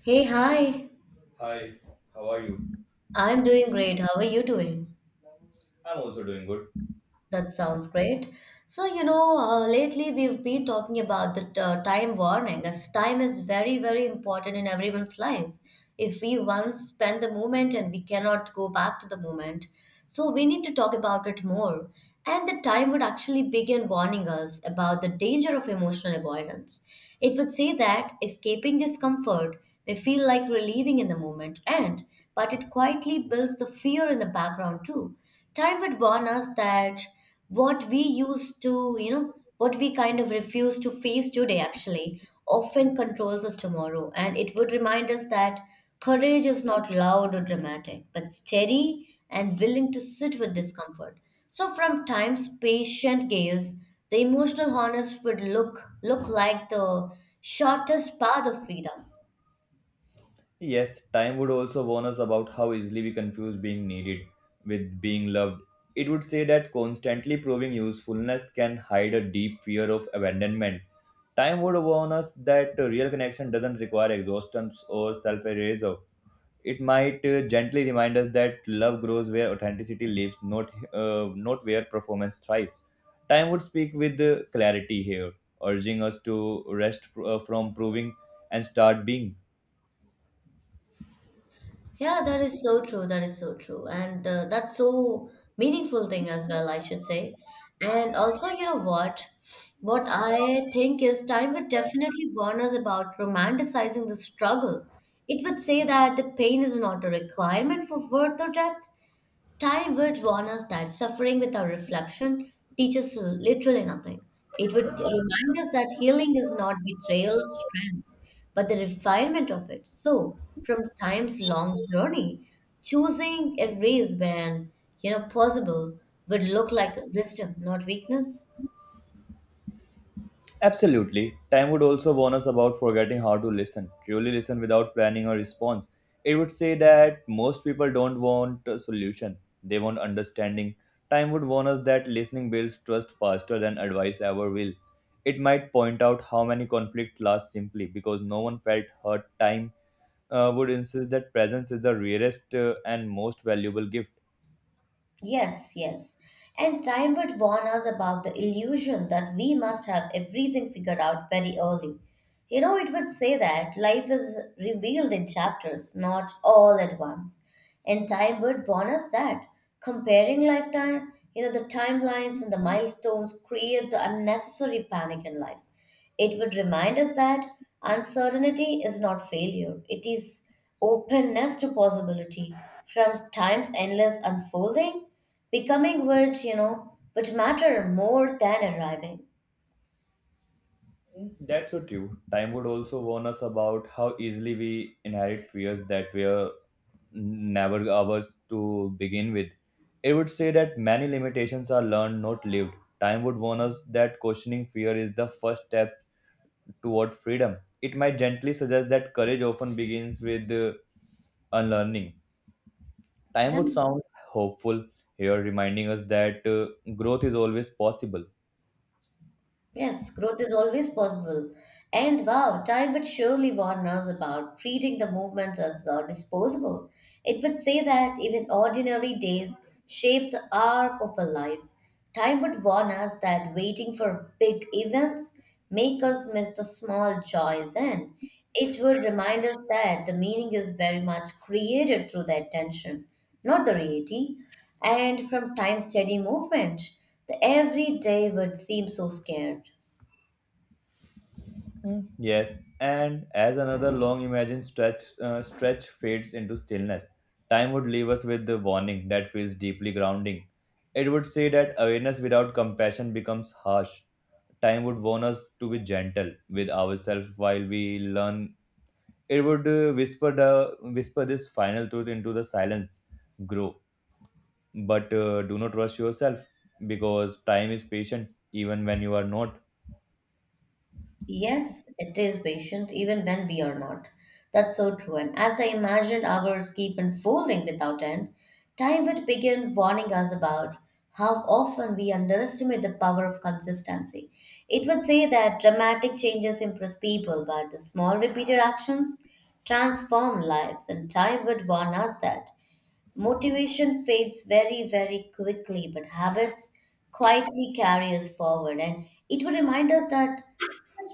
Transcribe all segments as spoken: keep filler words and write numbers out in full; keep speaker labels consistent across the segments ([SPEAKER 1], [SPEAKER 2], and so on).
[SPEAKER 1] Hey, hi.
[SPEAKER 2] Hi, how are you?
[SPEAKER 1] I'm doing great. How are you doing?
[SPEAKER 2] I'm also doing good.
[SPEAKER 1] That sounds great. So, you know, uh, lately we've been talking about the uh, time warning, as time is very, very important in everyone's life. If we once spend the moment and we cannot go back to the moment, so we need to talk about it more. And the time would actually begin warning us about the danger of emotional avoidance. It would say that escaping discomfort may feel like relieving in the moment, and but it quietly builds the fear in the background too. Time would warn us that what we used to, you know, what we kind of refuse to face today actually often controls us tomorrow. And it would remind us that courage is not loud or dramatic, but steady and willing to sit with discomfort. So from time's patient gaze, the emotional harness would look look like the shortest path of freedom.
[SPEAKER 2] Yes, time would also warn us about how easily we confuse being needed with being loved. It would say that constantly proving usefulness can hide a deep fear of abandonment. Time would warn us that a real connection doesn't require exhaustion or self erasure. It might uh, gently remind us that love grows where authenticity lives, not, uh, not where performance thrives. Time would speak with uh, clarity here, urging us to rest uh, from proving and start being.
[SPEAKER 1] Yeah, that is so true. That is so true. And uh, that's so meaningful thing as well, I should say. And also, you know what? What I think is time would definitely warn us about romanticizing the struggle. It would say that the pain is not a requirement for worth or depth. Time would warn us that suffering without reflection teaches literally nothing. It would remind us that healing is not betrayal of strength, but the refinement of it. So, from time's long journey, choosing a race when you know possible would look like wisdom, not weakness.
[SPEAKER 2] Absolutely. Time would also warn us about forgetting how to listen, truly listen without planning or response. It would say that most people don't want a solution, they want understanding. Time would warn us that listening builds trust faster than advice ever will. It might point out how many conflicts last simply because no one felt hurt. Time uh, would insist that presence is the rarest uh, and most valuable gift.
[SPEAKER 1] Yes, yes. And time would warn us about the illusion that we must have everything figured out very early. You know, it would say that life is revealed in chapters, not all at once. And time would warn us that comparing lifetime, you know, the timelines and the milestones create the unnecessary panic in life. It would remind us that uncertainty is not failure, it is openness to possibility. From time's endless unfolding, becoming would, you know, would matter more than arriving.
[SPEAKER 2] That's so true. Time would also warn us about how easily we inherit fears that were never ours to begin with. It would say that many limitations are learned, not lived. Time would warn us that questioning fear is the first step toward freedom. It might gently suggest that courage often begins with uh, unlearning. Time
[SPEAKER 1] Yeah.
[SPEAKER 2] would sound hopeful here, reminding us that uh, growth is always possible.
[SPEAKER 1] Yes, growth is always possible. And wow, time would surely warn us about treating the movements as uh, disposable. It would say that even ordinary days shape the arc of a life. Time would warn us that waiting for big events make us miss the small joys, and it would remind us that the meaning is very much created through the attention, not the reality. And from time steady movement, the everyday would seem so scared.
[SPEAKER 2] Mm, yes, and as another long imagined stretch uh, stretch fades into stillness, time would leave us with the warning that feels deeply grounding. It would say that awareness without compassion becomes harsh. Time would warn us to be gentle with ourselves while we learn. It would uh, whisper the whisper this final truth into the silence. Grow, but uh, do not rush yourself because time is patient even when you are not.
[SPEAKER 1] Yes, it is patient, even when we are not. That's so true. And as the imagined hours keep unfolding without end, time would begin warning us about how often we underestimate the power of consistency. It would say that dramatic changes impress people, but the small repeated actions transform lives, and time would warn us that motivation fades very, very quickly, but habits quietly carry us forward. And it would remind us that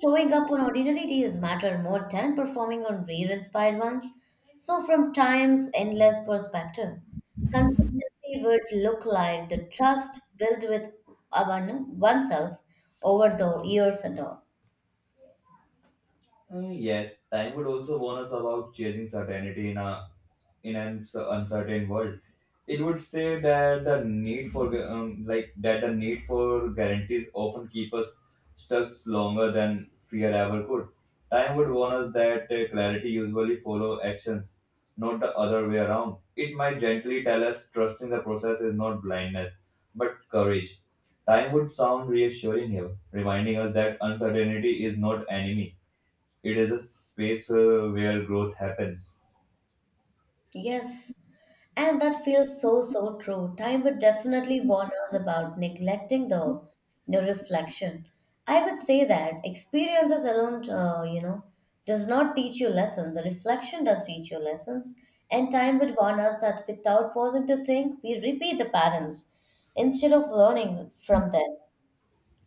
[SPEAKER 1] showing up on ordinary days matter more than performing on rare-inspired ones. So, from time's endless perspective, consistency would look like the trust built with one, oneself over the years and all.
[SPEAKER 2] Uh, yes, time would also warn us about chasing certainty in a in an s- uncertain world. It would say that the need for gu- um, like that the need for guarantees often keep us stuck longer than fear ever could. Time would warn us that uh, clarity usually follow actions, not the other way around. It might gently tell us trusting the process is not blindness, but courage. Time would sound reassuring here, reminding us that uncertainty is not enemy, it is a space uh, where growth happens.
[SPEAKER 1] Yes, and that feels so, so true. Time would definitely warn us about neglecting the, the reflection. I would say that experiences alone, uh, you know, does not teach you lessons. The reflection does teach you lessons. And time would warn us that without pausing to think, we repeat the patterns instead of learning from them.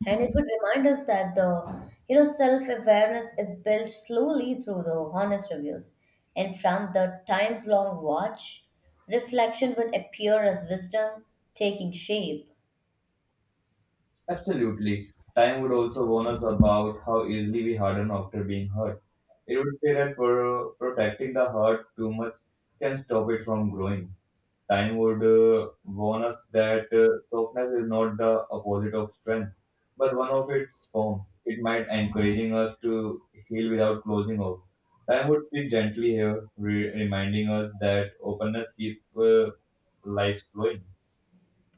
[SPEAKER 1] And it would remind us that the you know self-awareness is built slowly through the honest reviews. And from the times-long watch, reflection would appear as wisdom taking shape.
[SPEAKER 2] Absolutely. Time would also warn us about how easily we harden after being hurt. It would say that for, protecting the heart too much can stop it from growing. Time would uh, warn us that uh, softness is not the opposite of strength, but one of its form. It might encouraging us to heal without closing off. Time would speak gently here, re- reminding us that openness keeps uh, life flowing.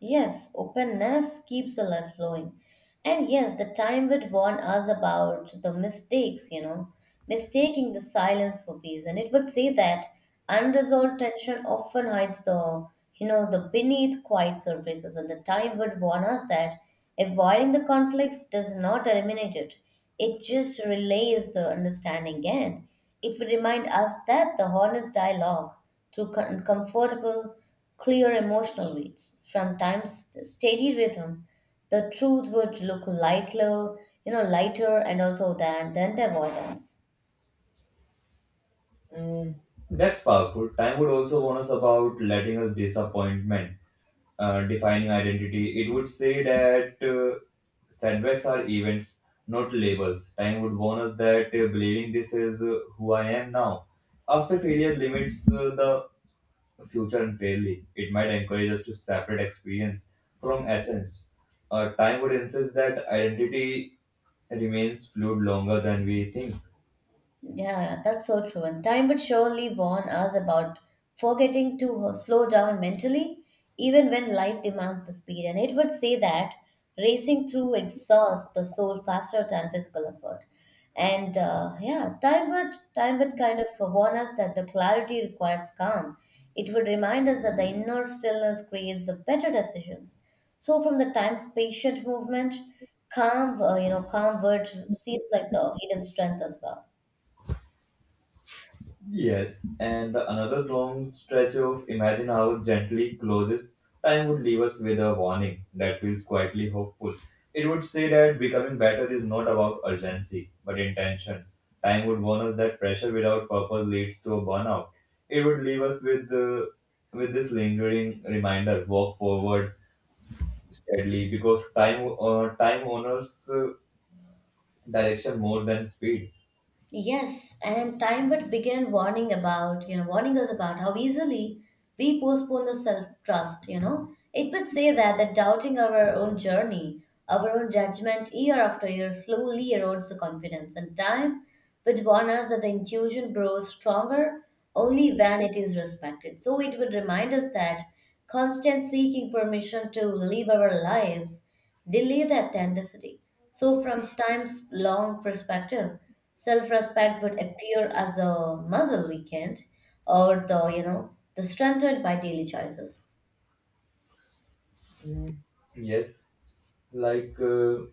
[SPEAKER 1] Yes, openness keeps the life flowing. And yes, the time would warn us about the mistakes, you know, mistaking the silence for peace. And it would say that unresolved tension often hides the, you know, the beneath quiet surfaces. And the time would warn us that avoiding the conflicts does not eliminate it. It just relays the understanding, and it would remind us that the honest dialogue through com- comfortable clear emotional beats. From time's steady rhythm, the truth would look lighter, you know, lighter and also than than the avoidance.
[SPEAKER 2] Mm, that's powerful. Time would also warn us about letting us disappointment, uh, defining identity. It would say that uh, setbacks are events, not labels. Time would warn us that uh, believing this is uh, who I am now. After failure limits uh, the future unfairly, it might encourage us to separate experience from essence. Uh, time would insist that identity remains fluid longer than we think.
[SPEAKER 1] Yeah, that's so true. And time would surely warn us about forgetting to uh, slow down mentally, even when life demands the speed. And it would say that racing through exhausts the soul faster than physical effort. And uh, yeah, time would time would kind of warn us that the clarity requires calm. It would remind us that the inner stillness creates the better decisions. So from the time's patient movement, calm, uh, you know, calm word seems like the hidden strength as well.
[SPEAKER 2] Yes, and the another long stretch of Imagine House gently closes. Time would leave us with a warning that feels quietly hopeful. It would say that becoming better is not about urgency, but intention. Time would warn us that pressure without purpose leads to a burnout. It would leave us with the with this lingering reminder: walk forward steadily, because time uh, time honors uh, direction more than speed.
[SPEAKER 1] Yes, and time would begin warning about, you know, warning us about how easily we postpone the self-trust, you know. It would say that that doubting our own journey, our own judgment year after year slowly erodes the confidence. And time would warn us that the intuition grows stronger only when it is respected. So it would remind us that constant seeking permission to live our lives delay that tendency. So, from time's long perspective, self-respect would appear as a muscle weakened, or the you know the strengthened by daily choices.
[SPEAKER 2] Mm, yes, like. Uh,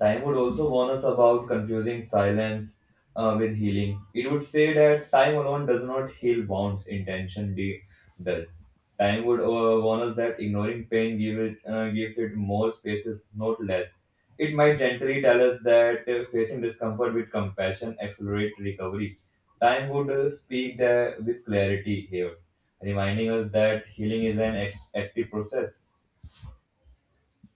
[SPEAKER 2] Time would also warn us about confusing silence uh, with healing. It would say that time alone does not heal wounds, intention de- does. Time would uh, warn us that ignoring pain give it, uh, gives it more spaces, not less. It might gently tell us that uh, facing discomfort with compassion accelerates recovery. Time would uh, speak there with clarity here, reminding us that healing is an act- active process.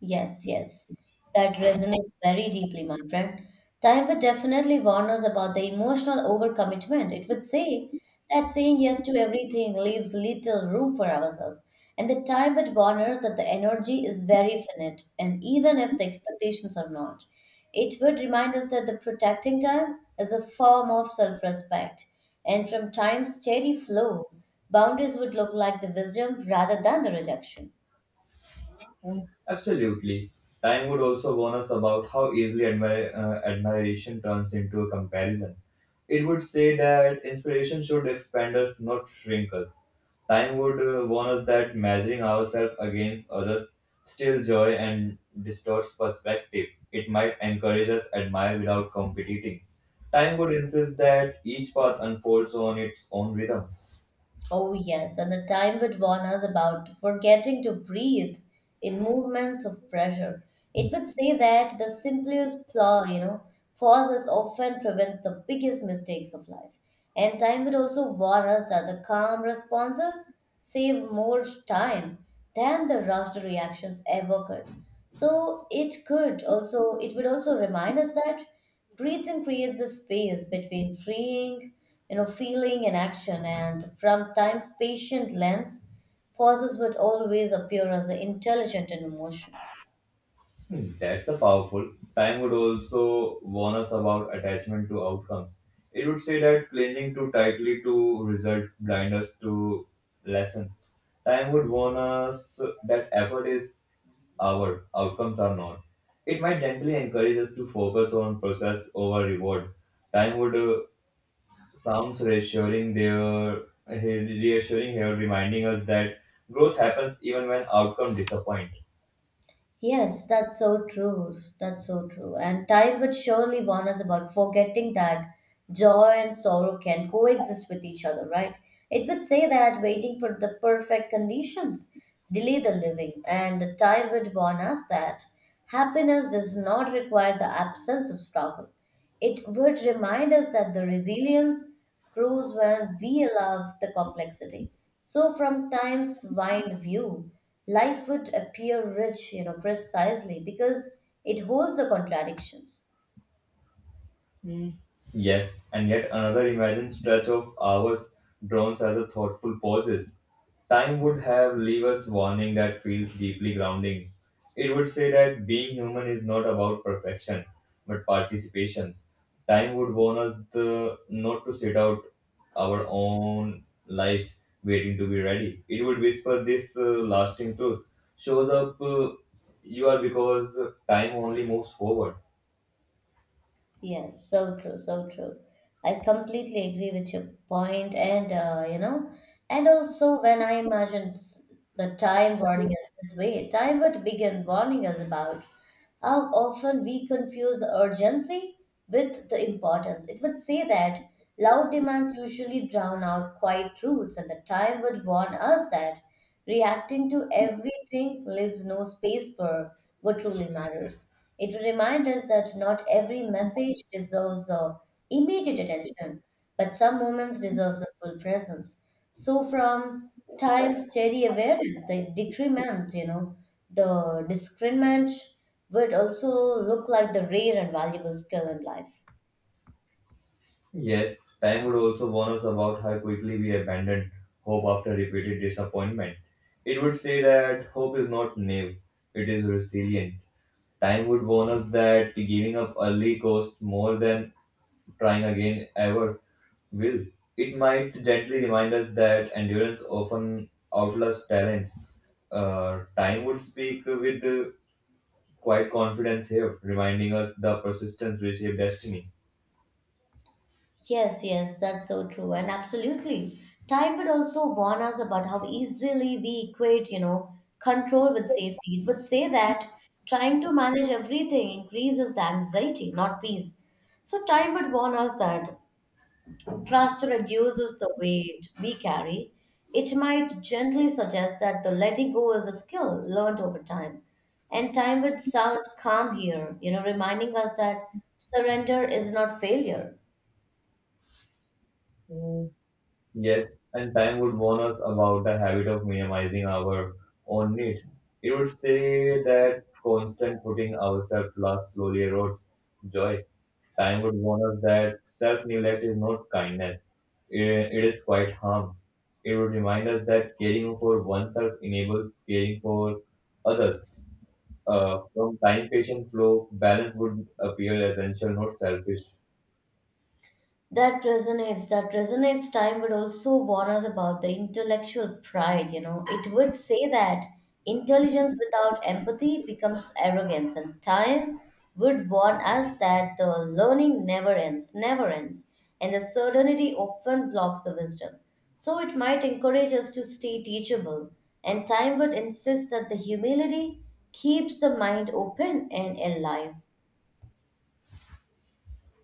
[SPEAKER 1] Yes, yes. That resonates very deeply, my friend. Time would definitely warn us about the emotional overcommitment. It would say that saying yes to everything leaves little room for ourselves. And the time would warn us that the energy is very finite, and even if the expectations are not, it would remind us that the protecting time is a form of self respect. And from time's steady flow, boundaries would look like the wisdom rather than the rejection.
[SPEAKER 2] Mm, absolutely. Time would also warn us about how easily admir- uh, admiration turns into a comparison. It would say that inspiration should expand us, not shrink us. Time would uh, warn us that measuring ourselves against others steals joy and distorts perspective. It might encourage us admire without competing. Time would insist that each path unfolds on its own rhythm.
[SPEAKER 1] Oh, yes, and the time would warn us about forgetting to breathe in movements of pressure. It would say that the simplest flaw, you know, pauses often prevents the biggest mistakes of life. And time would also warn us that the calm responses save more time than the rushed reactions ever could. So it could also, it would also remind us that breathe and create the space between freeing, you know, feeling and action. And from time's patient lens, pauses would always appear as intelligent and emotional.
[SPEAKER 2] Hmm, that's a powerful. Time would also warn us about attachment to outcomes. It would say that clinging too tightly to result blind us to lesson. Time would warn us that effort is our, outcomes are not. It might gently encourage us to focus on process over reward. Time would uh, sounds reassuring there, reassuring here, reminding us that growth happens even when outcome disappoint.
[SPEAKER 1] Yes, that's so true. That's so true. And time would surely warn us about forgetting that joy and sorrow can coexist with each other, right? It would say that waiting for the perfect conditions delay the living, and the time would warn us that happiness does not require the absence of struggle. It would remind us that the resilience grows when we allow the complexity. So, from time's wide view, life would appear rich, you know, precisely because it holds the contradictions.
[SPEAKER 2] Yes, and yet another imagined stretch of hours drones as a thoughtful pauses. Time would have leave us warning that feels deeply grounding. It would say that being human is not about perfection, but participations. Time would warn us the, not to sit out our own lives waiting to be ready. It would whisper this uh, lasting truth. Shows up uh, you are because time only moves forward.
[SPEAKER 1] Yes, so true, so true. I completely agree with your point, and uh, you know, and also when I imagined s- the time warning us this way, time would begin warning us about how often we confuse the urgency with the importance. It would say that loud demands usually drown out quiet truths, and the time would warn us that reacting to everything leaves no space for what truly matters. It will remind us that not every message deserves the immediate attention, but some moments deserve the full presence. So, from time steady awareness, the decrement, you know, the discernment would also look like the rare and valuable skill in life.
[SPEAKER 2] Yes, time would also warn us about how quickly we abandon hope after repeated disappointment. It would say that hope is not naive, it is resilient. Time would warn us that giving up early costs more than trying again ever will. It might gently remind us that endurance often outlasts talents. Uh, time would speak with uh, quite confidence here, reminding us the persistence reshapes destiny.
[SPEAKER 1] Yes, yes, that's so true. And absolutely. Time would also warn us about how easily we equate, you know, control with safety. It would say that trying to manage everything increases the anxiety, not peace. So time would warn us that trust reduces the weight we carry. It might gently suggest that the letting go is a skill learned over time. And time would sound calm here, you know, reminding us that surrender is not failure.
[SPEAKER 2] Yes, and time would warn us about the habit of minimizing our own needs. It would say that constant putting ourselves last slowly erodes joy. Time would warn us that self neglect is not kindness, it, it is quite harm. It would remind us that caring for oneself enables caring for others. Uh, from time patient flow, balance would appear essential, not selfish.
[SPEAKER 1] That resonates. That resonates. Time would also warn us about the intellectual pride, you know. It would say that intelligence without empathy becomes arrogance, and time would warn us that the learning never ends, never ends, and the certainty often blocks the wisdom. So it might encourage us to stay teachable, and time would insist that the humility keeps the mind open and alive.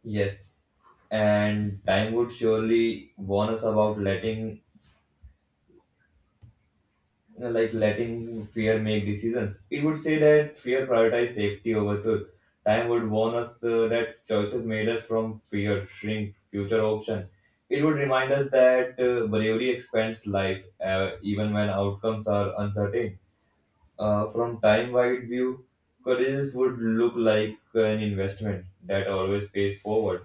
[SPEAKER 2] Yes, and time would surely warn us about letting you know, like letting fear make decisions. It would say that fear prioritized safety over truth. Time would warn us uh, that choices made us from fear shrink future option. It would remind us that uh, bravery expands life uh, even when outcomes are uncertain. Uh, from time wide view, courage would look like an investment that always pays forward.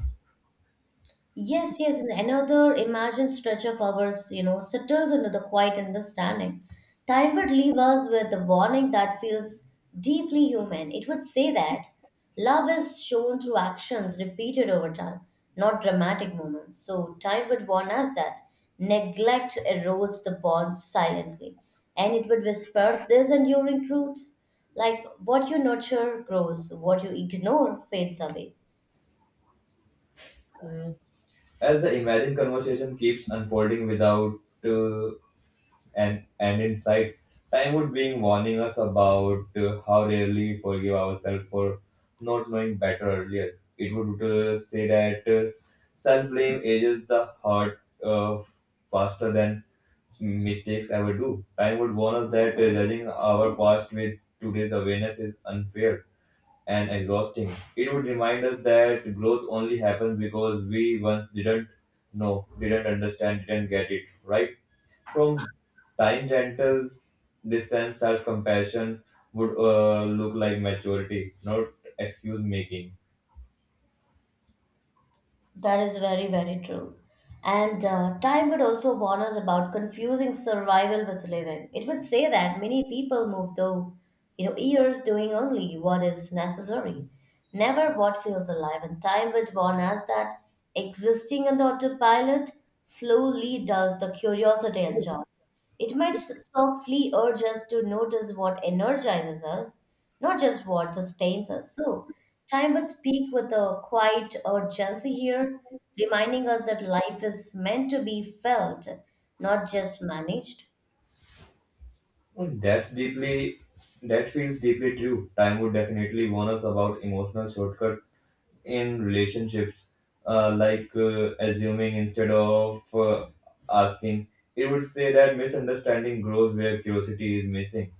[SPEAKER 1] Yes, yes, and another imagined stretch of ours, you know, settles into the quiet understanding. Time would leave us with the warning that feels deeply human. It would say that love is shown through actions repeated over time, not dramatic moments. So time would warn us that neglect erodes the bonds silently, and it would whisper this enduring truth, like what you nurture grows, what you ignore fades away.
[SPEAKER 2] Mm. As the imagined conversation keeps unfolding without uh, and, and insight. Time would being warning us about uh, how rarely we forgive ourselves for not knowing better earlier. It would uh, say that uh, self blame ages the heart uh, faster than mistakes ever do. Time would warn us that uh, judging our past with today's awareness is unfair and exhausting. It would remind us that growth only happens because we once didn't know, didn't understand, didn't get it, right? From time gentle distance, self compassion would uh, look like maturity, not excuse making.
[SPEAKER 1] That is very, very true. And uh, time would also warn us about confusing survival with living. It would say that many people move though, you know, years doing only what is necessary, never what feels alive. And time would warn us that existing on the autopilot slowly dulls the curiosity and joy. It might s- softly urge us to notice what energizes us, not just what sustains us. So, time would speak with a quiet urgency here, reminding us that life is meant to be felt, not just managed.
[SPEAKER 2] And That's deeply, that feels deeply true. Time would definitely warn us about emotional shortcut in relationships, uh, like uh, assuming instead of uh, asking. It would say that misunderstanding grows where curiosity is missing.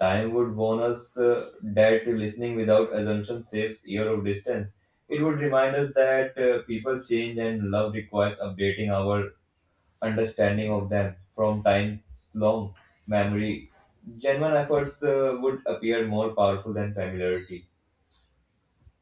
[SPEAKER 2] Time would warn us uh, that listening without assumption saves year of distance. It would remind us that uh, people change and love requires updating our understanding of them from time's long memory, genuine efforts uh, would appear more powerful than familiarity.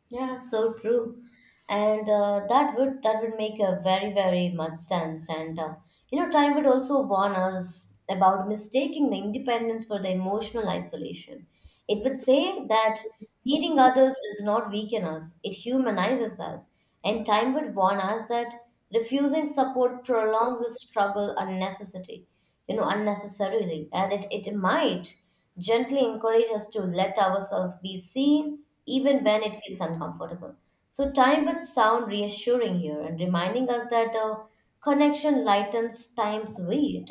[SPEAKER 1] Yeah, so true. And uh, that would that would make a very very much sense. And uh, you know, time would also warn us about mistaking the independence for the emotional isolation. It would say that needing others does not weaken us; it humanizes us. And time would warn us that refusing support prolongs the struggle unnecessary you know, unnecessarily. And it, it might gently encourage us to let ourselves be seen even when it feels uncomfortable. So time would sound reassuring here and reminding us that the connection lightens time's weight.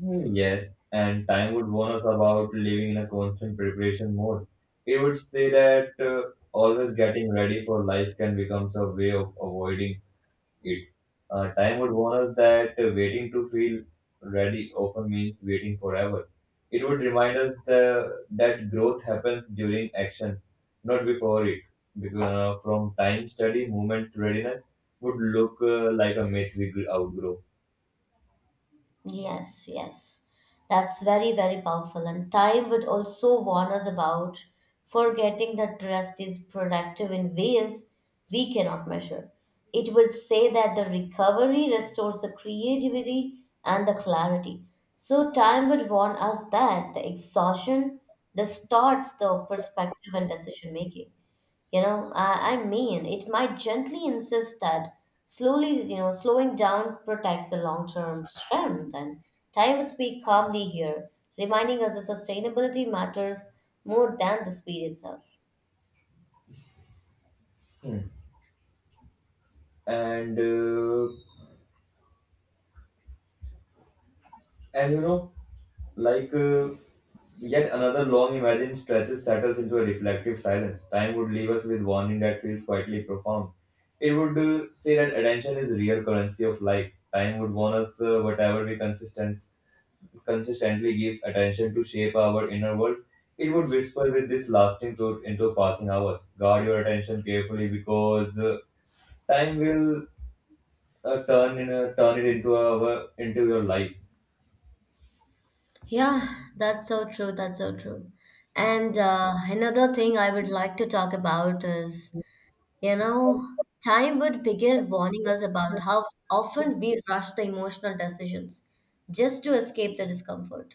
[SPEAKER 2] Hmm, yes, and time would warn us about living in a constant preparation mode. It would say that uh, always getting ready for life can become a way of avoiding it. Uh, time would warn us that uh, waiting to feel ready often means waiting forever. It would remind us the, that growth happens during actions, not before it. Because uh, from time study, movement to readiness would look uh, like a myth we gr- outgrow.
[SPEAKER 1] Yes, yes. That's very, very powerful. And time would also warn us about forgetting that rest is productive in ways we cannot measure. It would say that the recovery restores the creativity and the clarity. So, time would warn us that the exhaustion distorts the perspective and decision making. You know, I, I mean, it might gently insist that slowly, you know, slowing down protects the long term strength. And time would speak calmly here, reminding us that sustainability matters more than the speed itself.
[SPEAKER 2] Hmm. And uh, And you know, like uh, Yet another long imagined stretch settles into a reflective silence. Time would leave us with warning that feels quietly profound. It would uh, say that attention is real currency of life. Time would warn us uh, whatever we consistence, consistently give attention to shape our inner world. It would whisper with this lasting truth into passing hours. Guard your attention carefully because uh, time will uh, turn in a, turn it into our into your life.
[SPEAKER 1] Yeah, that's so true. That's so true. And uh, Another thing I would like to talk about is, you know, time would begin warning us about how often we rush the emotional decisions just to escape the discomfort.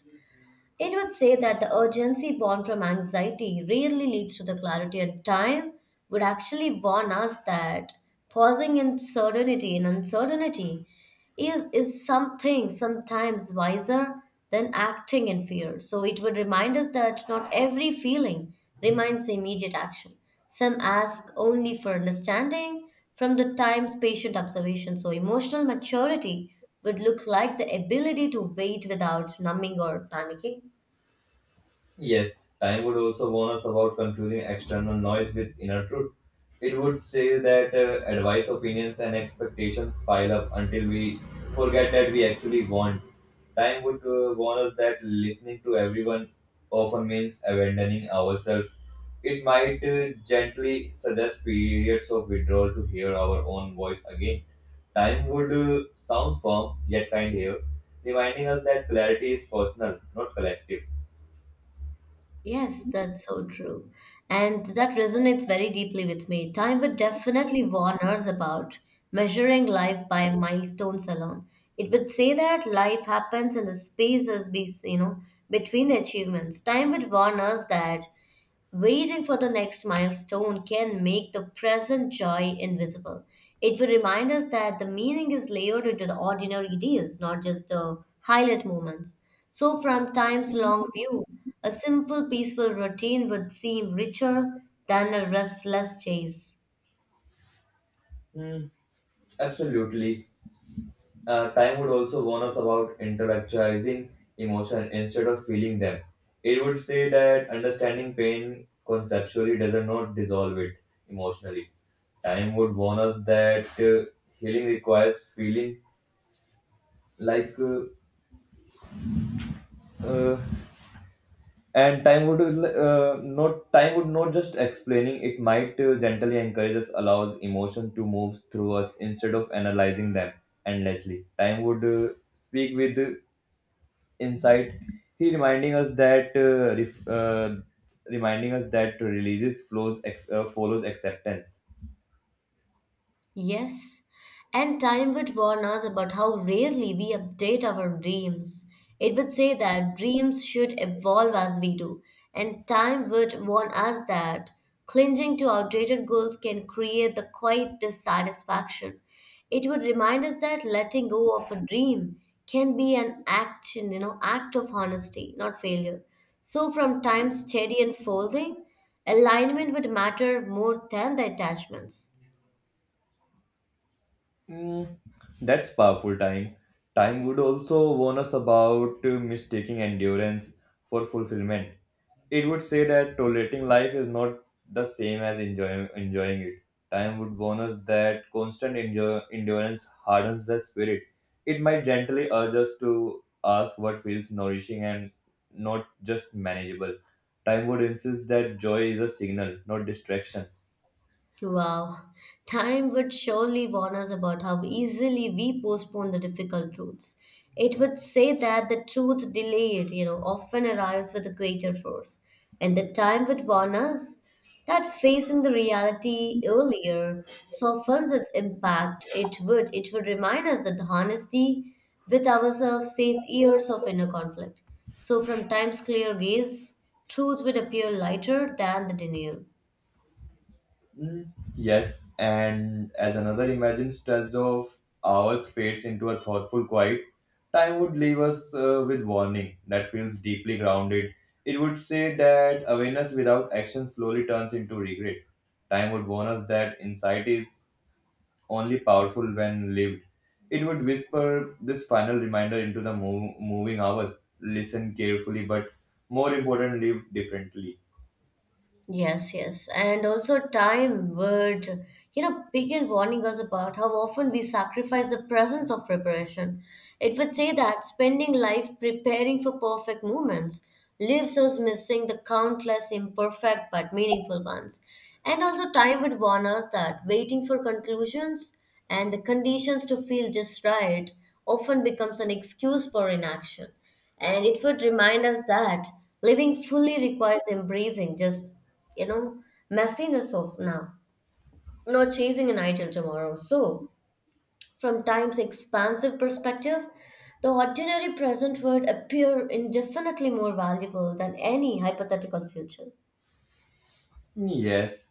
[SPEAKER 1] It would say that the urgency born from anxiety rarely leads to the clarity, and time would actually warn us that pausing in certainty and uncertainty is, is something sometimes wiser than acting in fear. So it would remind us that not every feeling reminds immediate action. Some ask only for understanding from the time's patient observation. So emotional maturity would look like the ability to wait without numbing or panicking.
[SPEAKER 2] Yes, time would also warn us about confusing external noise with inner truth. It would say that uh, advice, opinions, and expectations pile up until we forget that we actually want. Time would uh, warn us that listening to everyone often means abandoning ourselves. It might uh, gently suggest periods of withdrawal to hear our own voice again. Time would uh, sound firm yet kind here, reminding us that clarity is personal, not collective.
[SPEAKER 1] Yes, that's so true. And that resonates very deeply with me. Time would definitely warn us about measuring life by milestones alone. It would say that life happens in the spaces be, you know, between achievements. Time would warn us that waiting for the next milestone can make the present joy invisible. It will remind us that the meaning is layered into the ordinary days, not just the highlight moments. So, from time's long view, a simple, peaceful routine would seem richer than a restless chase.
[SPEAKER 2] Hmm. Absolutely. Uh, time would also warn us about intellectualizing emotion instead of feeling them. It would say that understanding pain conceptually does not dissolve it emotionally. Time would warn us that uh, healing requires feeling like, uh, uh, and time would uh, not time would not just explaining. It might uh, gently encourage us, allows emotion to move through us instead of analyzing them endlessly. Time would uh, speak with insight he reminding us that uh, ref, uh, reminding us that releases flows ex, uh, follows acceptance.
[SPEAKER 1] Yes, and time would warn us about how rarely we update our dreams. It would say that dreams should evolve as we do, and time would warn us that clinging to outdated goals can create the quiet dissatisfaction. It would remind us that letting go of a dream can be an action, you know, act of honesty, not failure. So from time steady unfolding, alignment would matter more than the attachments.
[SPEAKER 2] Mm, that's powerful time. Time would also warn us about uh, mistaking endurance for fulfillment. It would say that tolerating life is not the same as enjoy- enjoying it. Time would warn us that constant enjo- endurance hardens the spirit. It might gently urge us to ask what feels nourishing and not just manageable. Time would insist that joy is a signal, not distraction.
[SPEAKER 1] Wow, time would surely warn us about how easily we postpone the difficult truths. It would say that the truth delayed, you know, often arrives with a greater force. And the time would warn us that facing the reality earlier softens its impact. It would it would remind us that the honesty with ourselves saves years of inner conflict. So from time's clear gaze, truth would appear lighter than the denial.
[SPEAKER 2] Mm. Yes, and as another imagined stretch of hours fades into a thoughtful quiet, time would leave us uh, with warning that feels deeply grounded. It would say that awareness without action slowly turns into regret. Time would warn us that insight is only powerful when lived. It would whisper this final reminder into the mo- moving hours. Listen carefully, but more important, live differently.
[SPEAKER 1] Yes, yes. And also, time would, you know, begin warning us about how often we sacrifice the presence of preparation. It would say that spending life preparing for perfect moments leaves us missing the countless imperfect but meaningful ones. And also, time would warn us that waiting for conclusions and the conditions to feel just right often becomes an excuse for inaction. And it would remind us that living fully requires embracing just you know, messiness of now, not chasing an ideal tomorrow. So, from time's expansive perspective, the ordinary present would appear indefinitely more valuable than any hypothetical future.
[SPEAKER 2] Yes,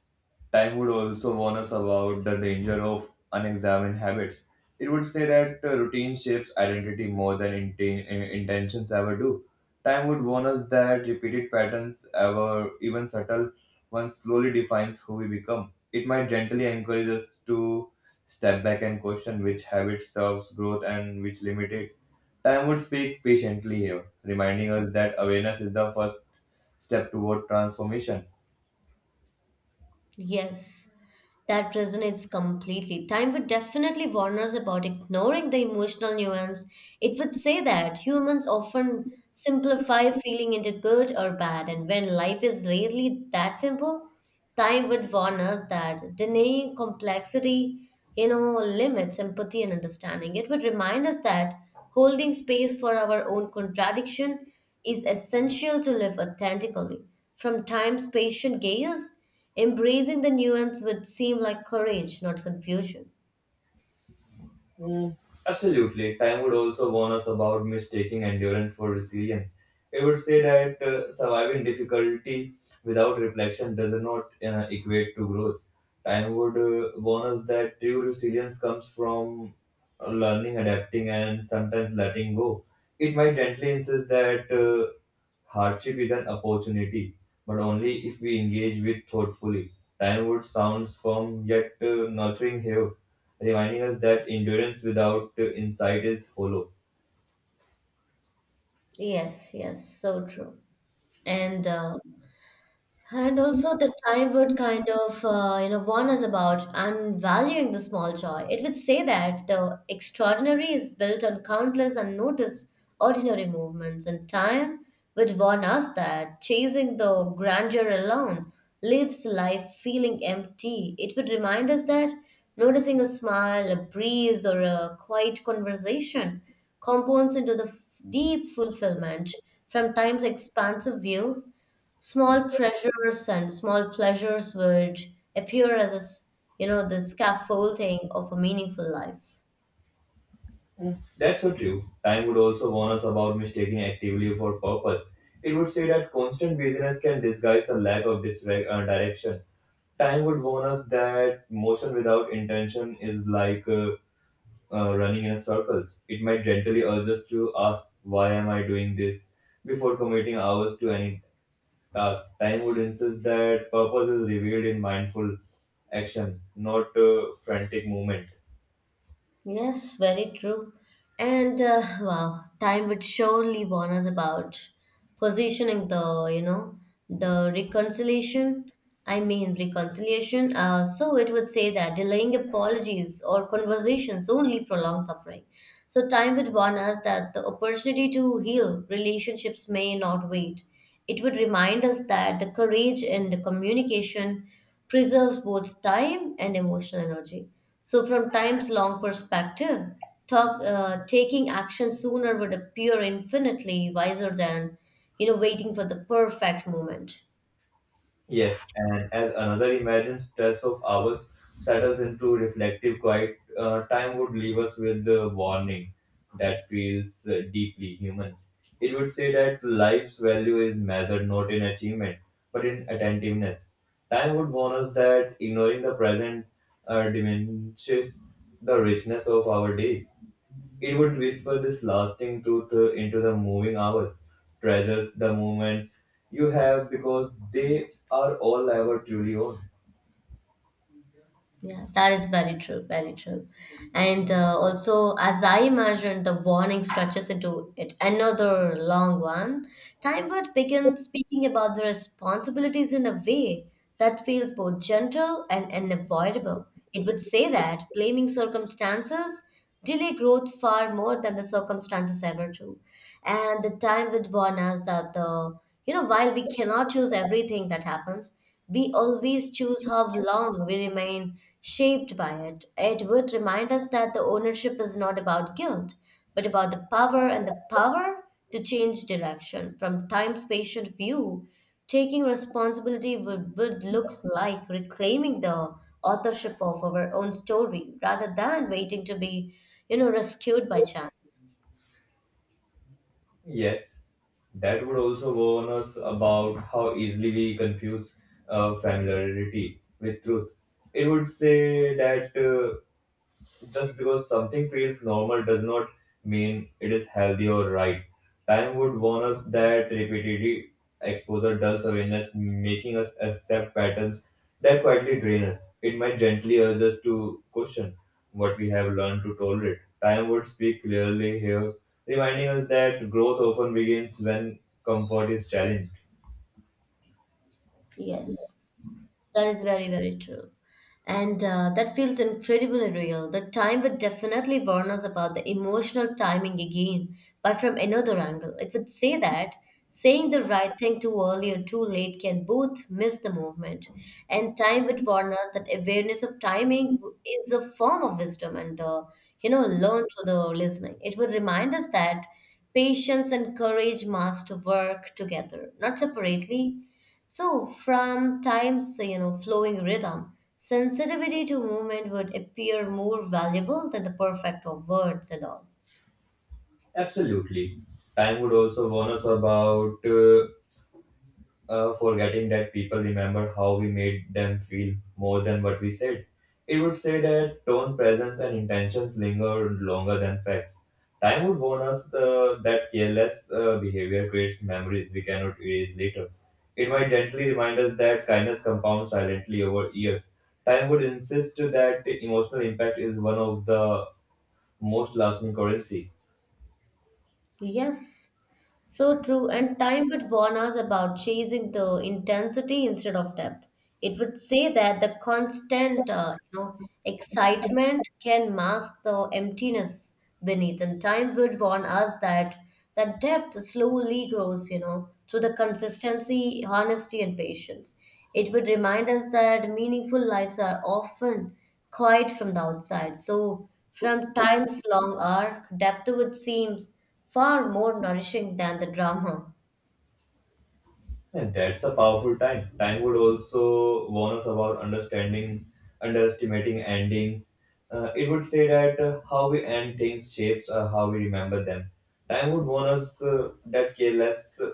[SPEAKER 2] time would also warn us about the danger of unexamined habits. It would say that uh, routine shapes identity more than inten- uh, intentions ever do. Time would warn us that repeated patterns, ever even subtle ones, slowly defines who we become. It might gently encourage us to step back and question which habit serves growth and which limit it. Time would speak patiently here, reminding us that awareness is the first step toward transformation.
[SPEAKER 1] Yes, that resonates completely. Time would definitely warn us about ignoring the emotional nuance. It would say that humans often simplify feeling into good or bad, and when life is rarely that simple, time would warn us that denying complexity, you know, limits empathy and understanding. It would remind us that holding space for our own contradiction is essential to live authentically. From time's patient gaze, embracing the nuance would seem like courage, not confusion.
[SPEAKER 2] Mm, absolutely. Time would also warn us about mistaking endurance for resilience. It would say that uh, surviving difficulty without reflection does not uh, equate to growth. Time would uh, warn us that true resilience comes from uh, learning, adapting, and sometimes letting go. It might gently insist that uh, hardship is an opportunity, but only if we engage with thoughtfully. Time would sounds firm yet uh, nurturing here, reminding us that endurance without uh, insight is hollow.
[SPEAKER 1] Yes, yes, so true. And uh, And also, the time would kind of, uh, you know, warn us about and valuing the small joy. It would say that the extraordinary is built on countless unnoticed ordinary movements, and time would warn us that chasing the grandeur alone leaves life feeling empty. It would remind us that noticing a smile, a breeze, or a quiet conversation compounds into the f- deep fulfillment from time's expansive view, small pressures and small pleasures would appear as a, s- you know the scaffolding of a meaningful life.
[SPEAKER 2] Mm. That's so true. Time would also warn us about mistaking activity for purpose. It would say that constant busyness can disguise a lack of disre- uh, direction. Time would warn us that motion without intention is like uh, uh, running in circles. It might gently urge us to ask, "Why am I doing this?" before committing hours to any. Uh, time would insist that purpose is revealed in mindful action, not uh, frantic movement.
[SPEAKER 1] Yes, very true. And uh, Wow, time would surely warn us about positioning the, you know, the reconciliation. I mean, reconciliation. Uh, so it would say that delaying apologies or conversations only prolong suffering. So time would warn us that the opportunity to heal relationships may not wait. It would remind us that the courage in the communication preserves both time and emotional energy. So, from time's long perspective, talk, uh, taking action sooner would appear infinitely wiser than, you know, waiting for the perfect moment.
[SPEAKER 2] Yes, and as another imagined stress of ours settles into reflective quiet, uh, time would leave us with the warning that feels uh, deeply human. It would say that life's value is measured not in achievement, but in attentiveness. Time would warn us that ignoring the present uh, diminishes the richness of our days. It would whisper this lasting truth uh, into the moving hours. Treasures the moments you have because they are all ever truly own.
[SPEAKER 1] Yeah, that is very true, very true. And uh, Also, as I imagine, the warning stretches into it another long one. Time would begin speaking about the responsibilities in a way that feels both gentle and unavoidable. It would say that blaming circumstances delay growth far more than the circumstances ever do. And the time would warn us that the, you know, while we cannot choose everything that happens, we always choose how long we remain shaped by it. It would remind us that the ownership is not about guilt, but about the power, and the power to change direction from time's patient view. Taking responsibility would, would look like reclaiming the authorship of our own story rather than waiting to be, you know, rescued by chance.
[SPEAKER 2] Yes, that would also warn us about how easily we confuse uh, familiarity with truth. It would say that. Uh, Just because something feels normal does not mean it is healthy or right. Time would warn us that repeated exposure dulls awareness, making us accept patterns that quietly drain us. It might gently urge us to question what we have learned to tolerate. Time would speak clearly here, reminding us that growth often begins when comfort is challenged.
[SPEAKER 1] Yes. That is very, very true. And uh, That feels incredibly real. The time would definitely warn us about the emotional timing again, but from another angle. It would say that saying the right thing too early or too late can both miss the movement. And time would warn us that awareness of timing is a form of wisdom and, uh, you know, learn through the listening. It would remind us that patience and courage must work together, not separately. So, from time's you know flowing rhythm, sensitivity to movement would appear more valuable than the perfect of words and all.
[SPEAKER 2] Absolutely. Time would also warn us about uh, uh, forgetting that people remember how we made them feel more than what we said. It would say that tone, presence, and intentions linger longer than facts. Time would warn us the, that careless uh, behavior creates memories we cannot erase later. It might gently remind us that kindness compounds silently over years. Time would insist that emotional impact is one of the most lasting currency.
[SPEAKER 1] Yes, so true. And time would warn us about chasing the intensity instead of depth. It would say that the constant, uh, you know, excitement can mask the emptiness beneath. And time would warn us that that depth slowly grows, you know, through the consistency, honesty, and patience. It would remind us that meaningful lives are often quiet from the outside. So, from time's long arc, depth would seem far more nourishing than the drama.
[SPEAKER 2] Yeah, that's a powerful time. Time would also warn us about understanding, underestimating endings. Uh, it would say that uh, how we end things shapes uh, how we remember them. Time would warn us uh, that careless uh,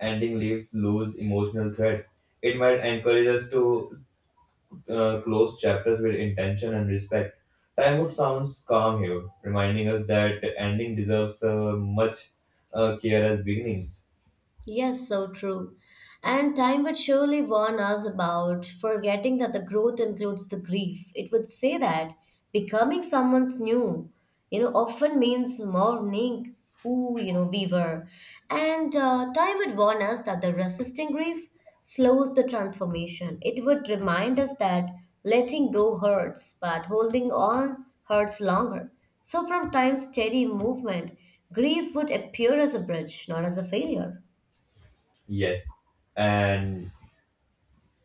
[SPEAKER 2] ending leaves loose emotional threads. It might encourage us to uh, close chapters with intention and respect. Time would sounds calm here, reminding us that ending deserves uh, much uh, care as beginnings.
[SPEAKER 1] Yes, so true. And time would surely warn us about forgetting that the growth includes the grief. It would say that becoming someone's new, you know, often means mourning who, you know, we were. And uh, Time would warn us that the resisting grief slows the transformation. It would remind us that letting go hurts, but holding on hurts longer. So, from time's steady movement, grief would appear as a bridge, not as a failure.
[SPEAKER 2] Yes, and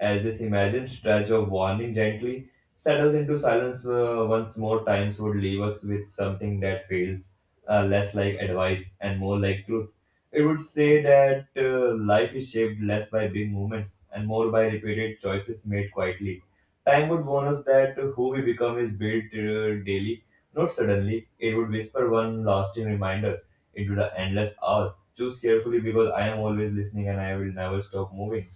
[SPEAKER 2] as this imagined stretch of warning gently settles into silence uh, once more, times would leave us with something that feels uh, less like advice and more like truth. It would say that uh, life is shaped less by big movements and more by repeated choices made quietly. Time would warn us that who we become is built uh, daily, not suddenly. It would whisper one lasting reminder into the endless hours. Choose carefully because I am always listening and I will never stop moving.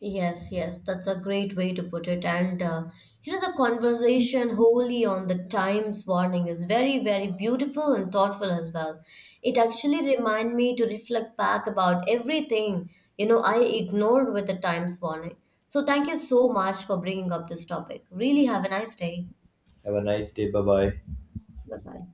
[SPEAKER 1] Yes, yes, that's a great way to put it. And uh, you know, the conversation wholly on the Times warning is very, very beautiful and thoughtful as well. It actually remind me to reflect back about everything, you know, I ignored with the Times warning. So thank you so much for bringing up this topic. Really have a nice day.
[SPEAKER 2] Have a nice day. Bye bye.
[SPEAKER 1] Bye bye.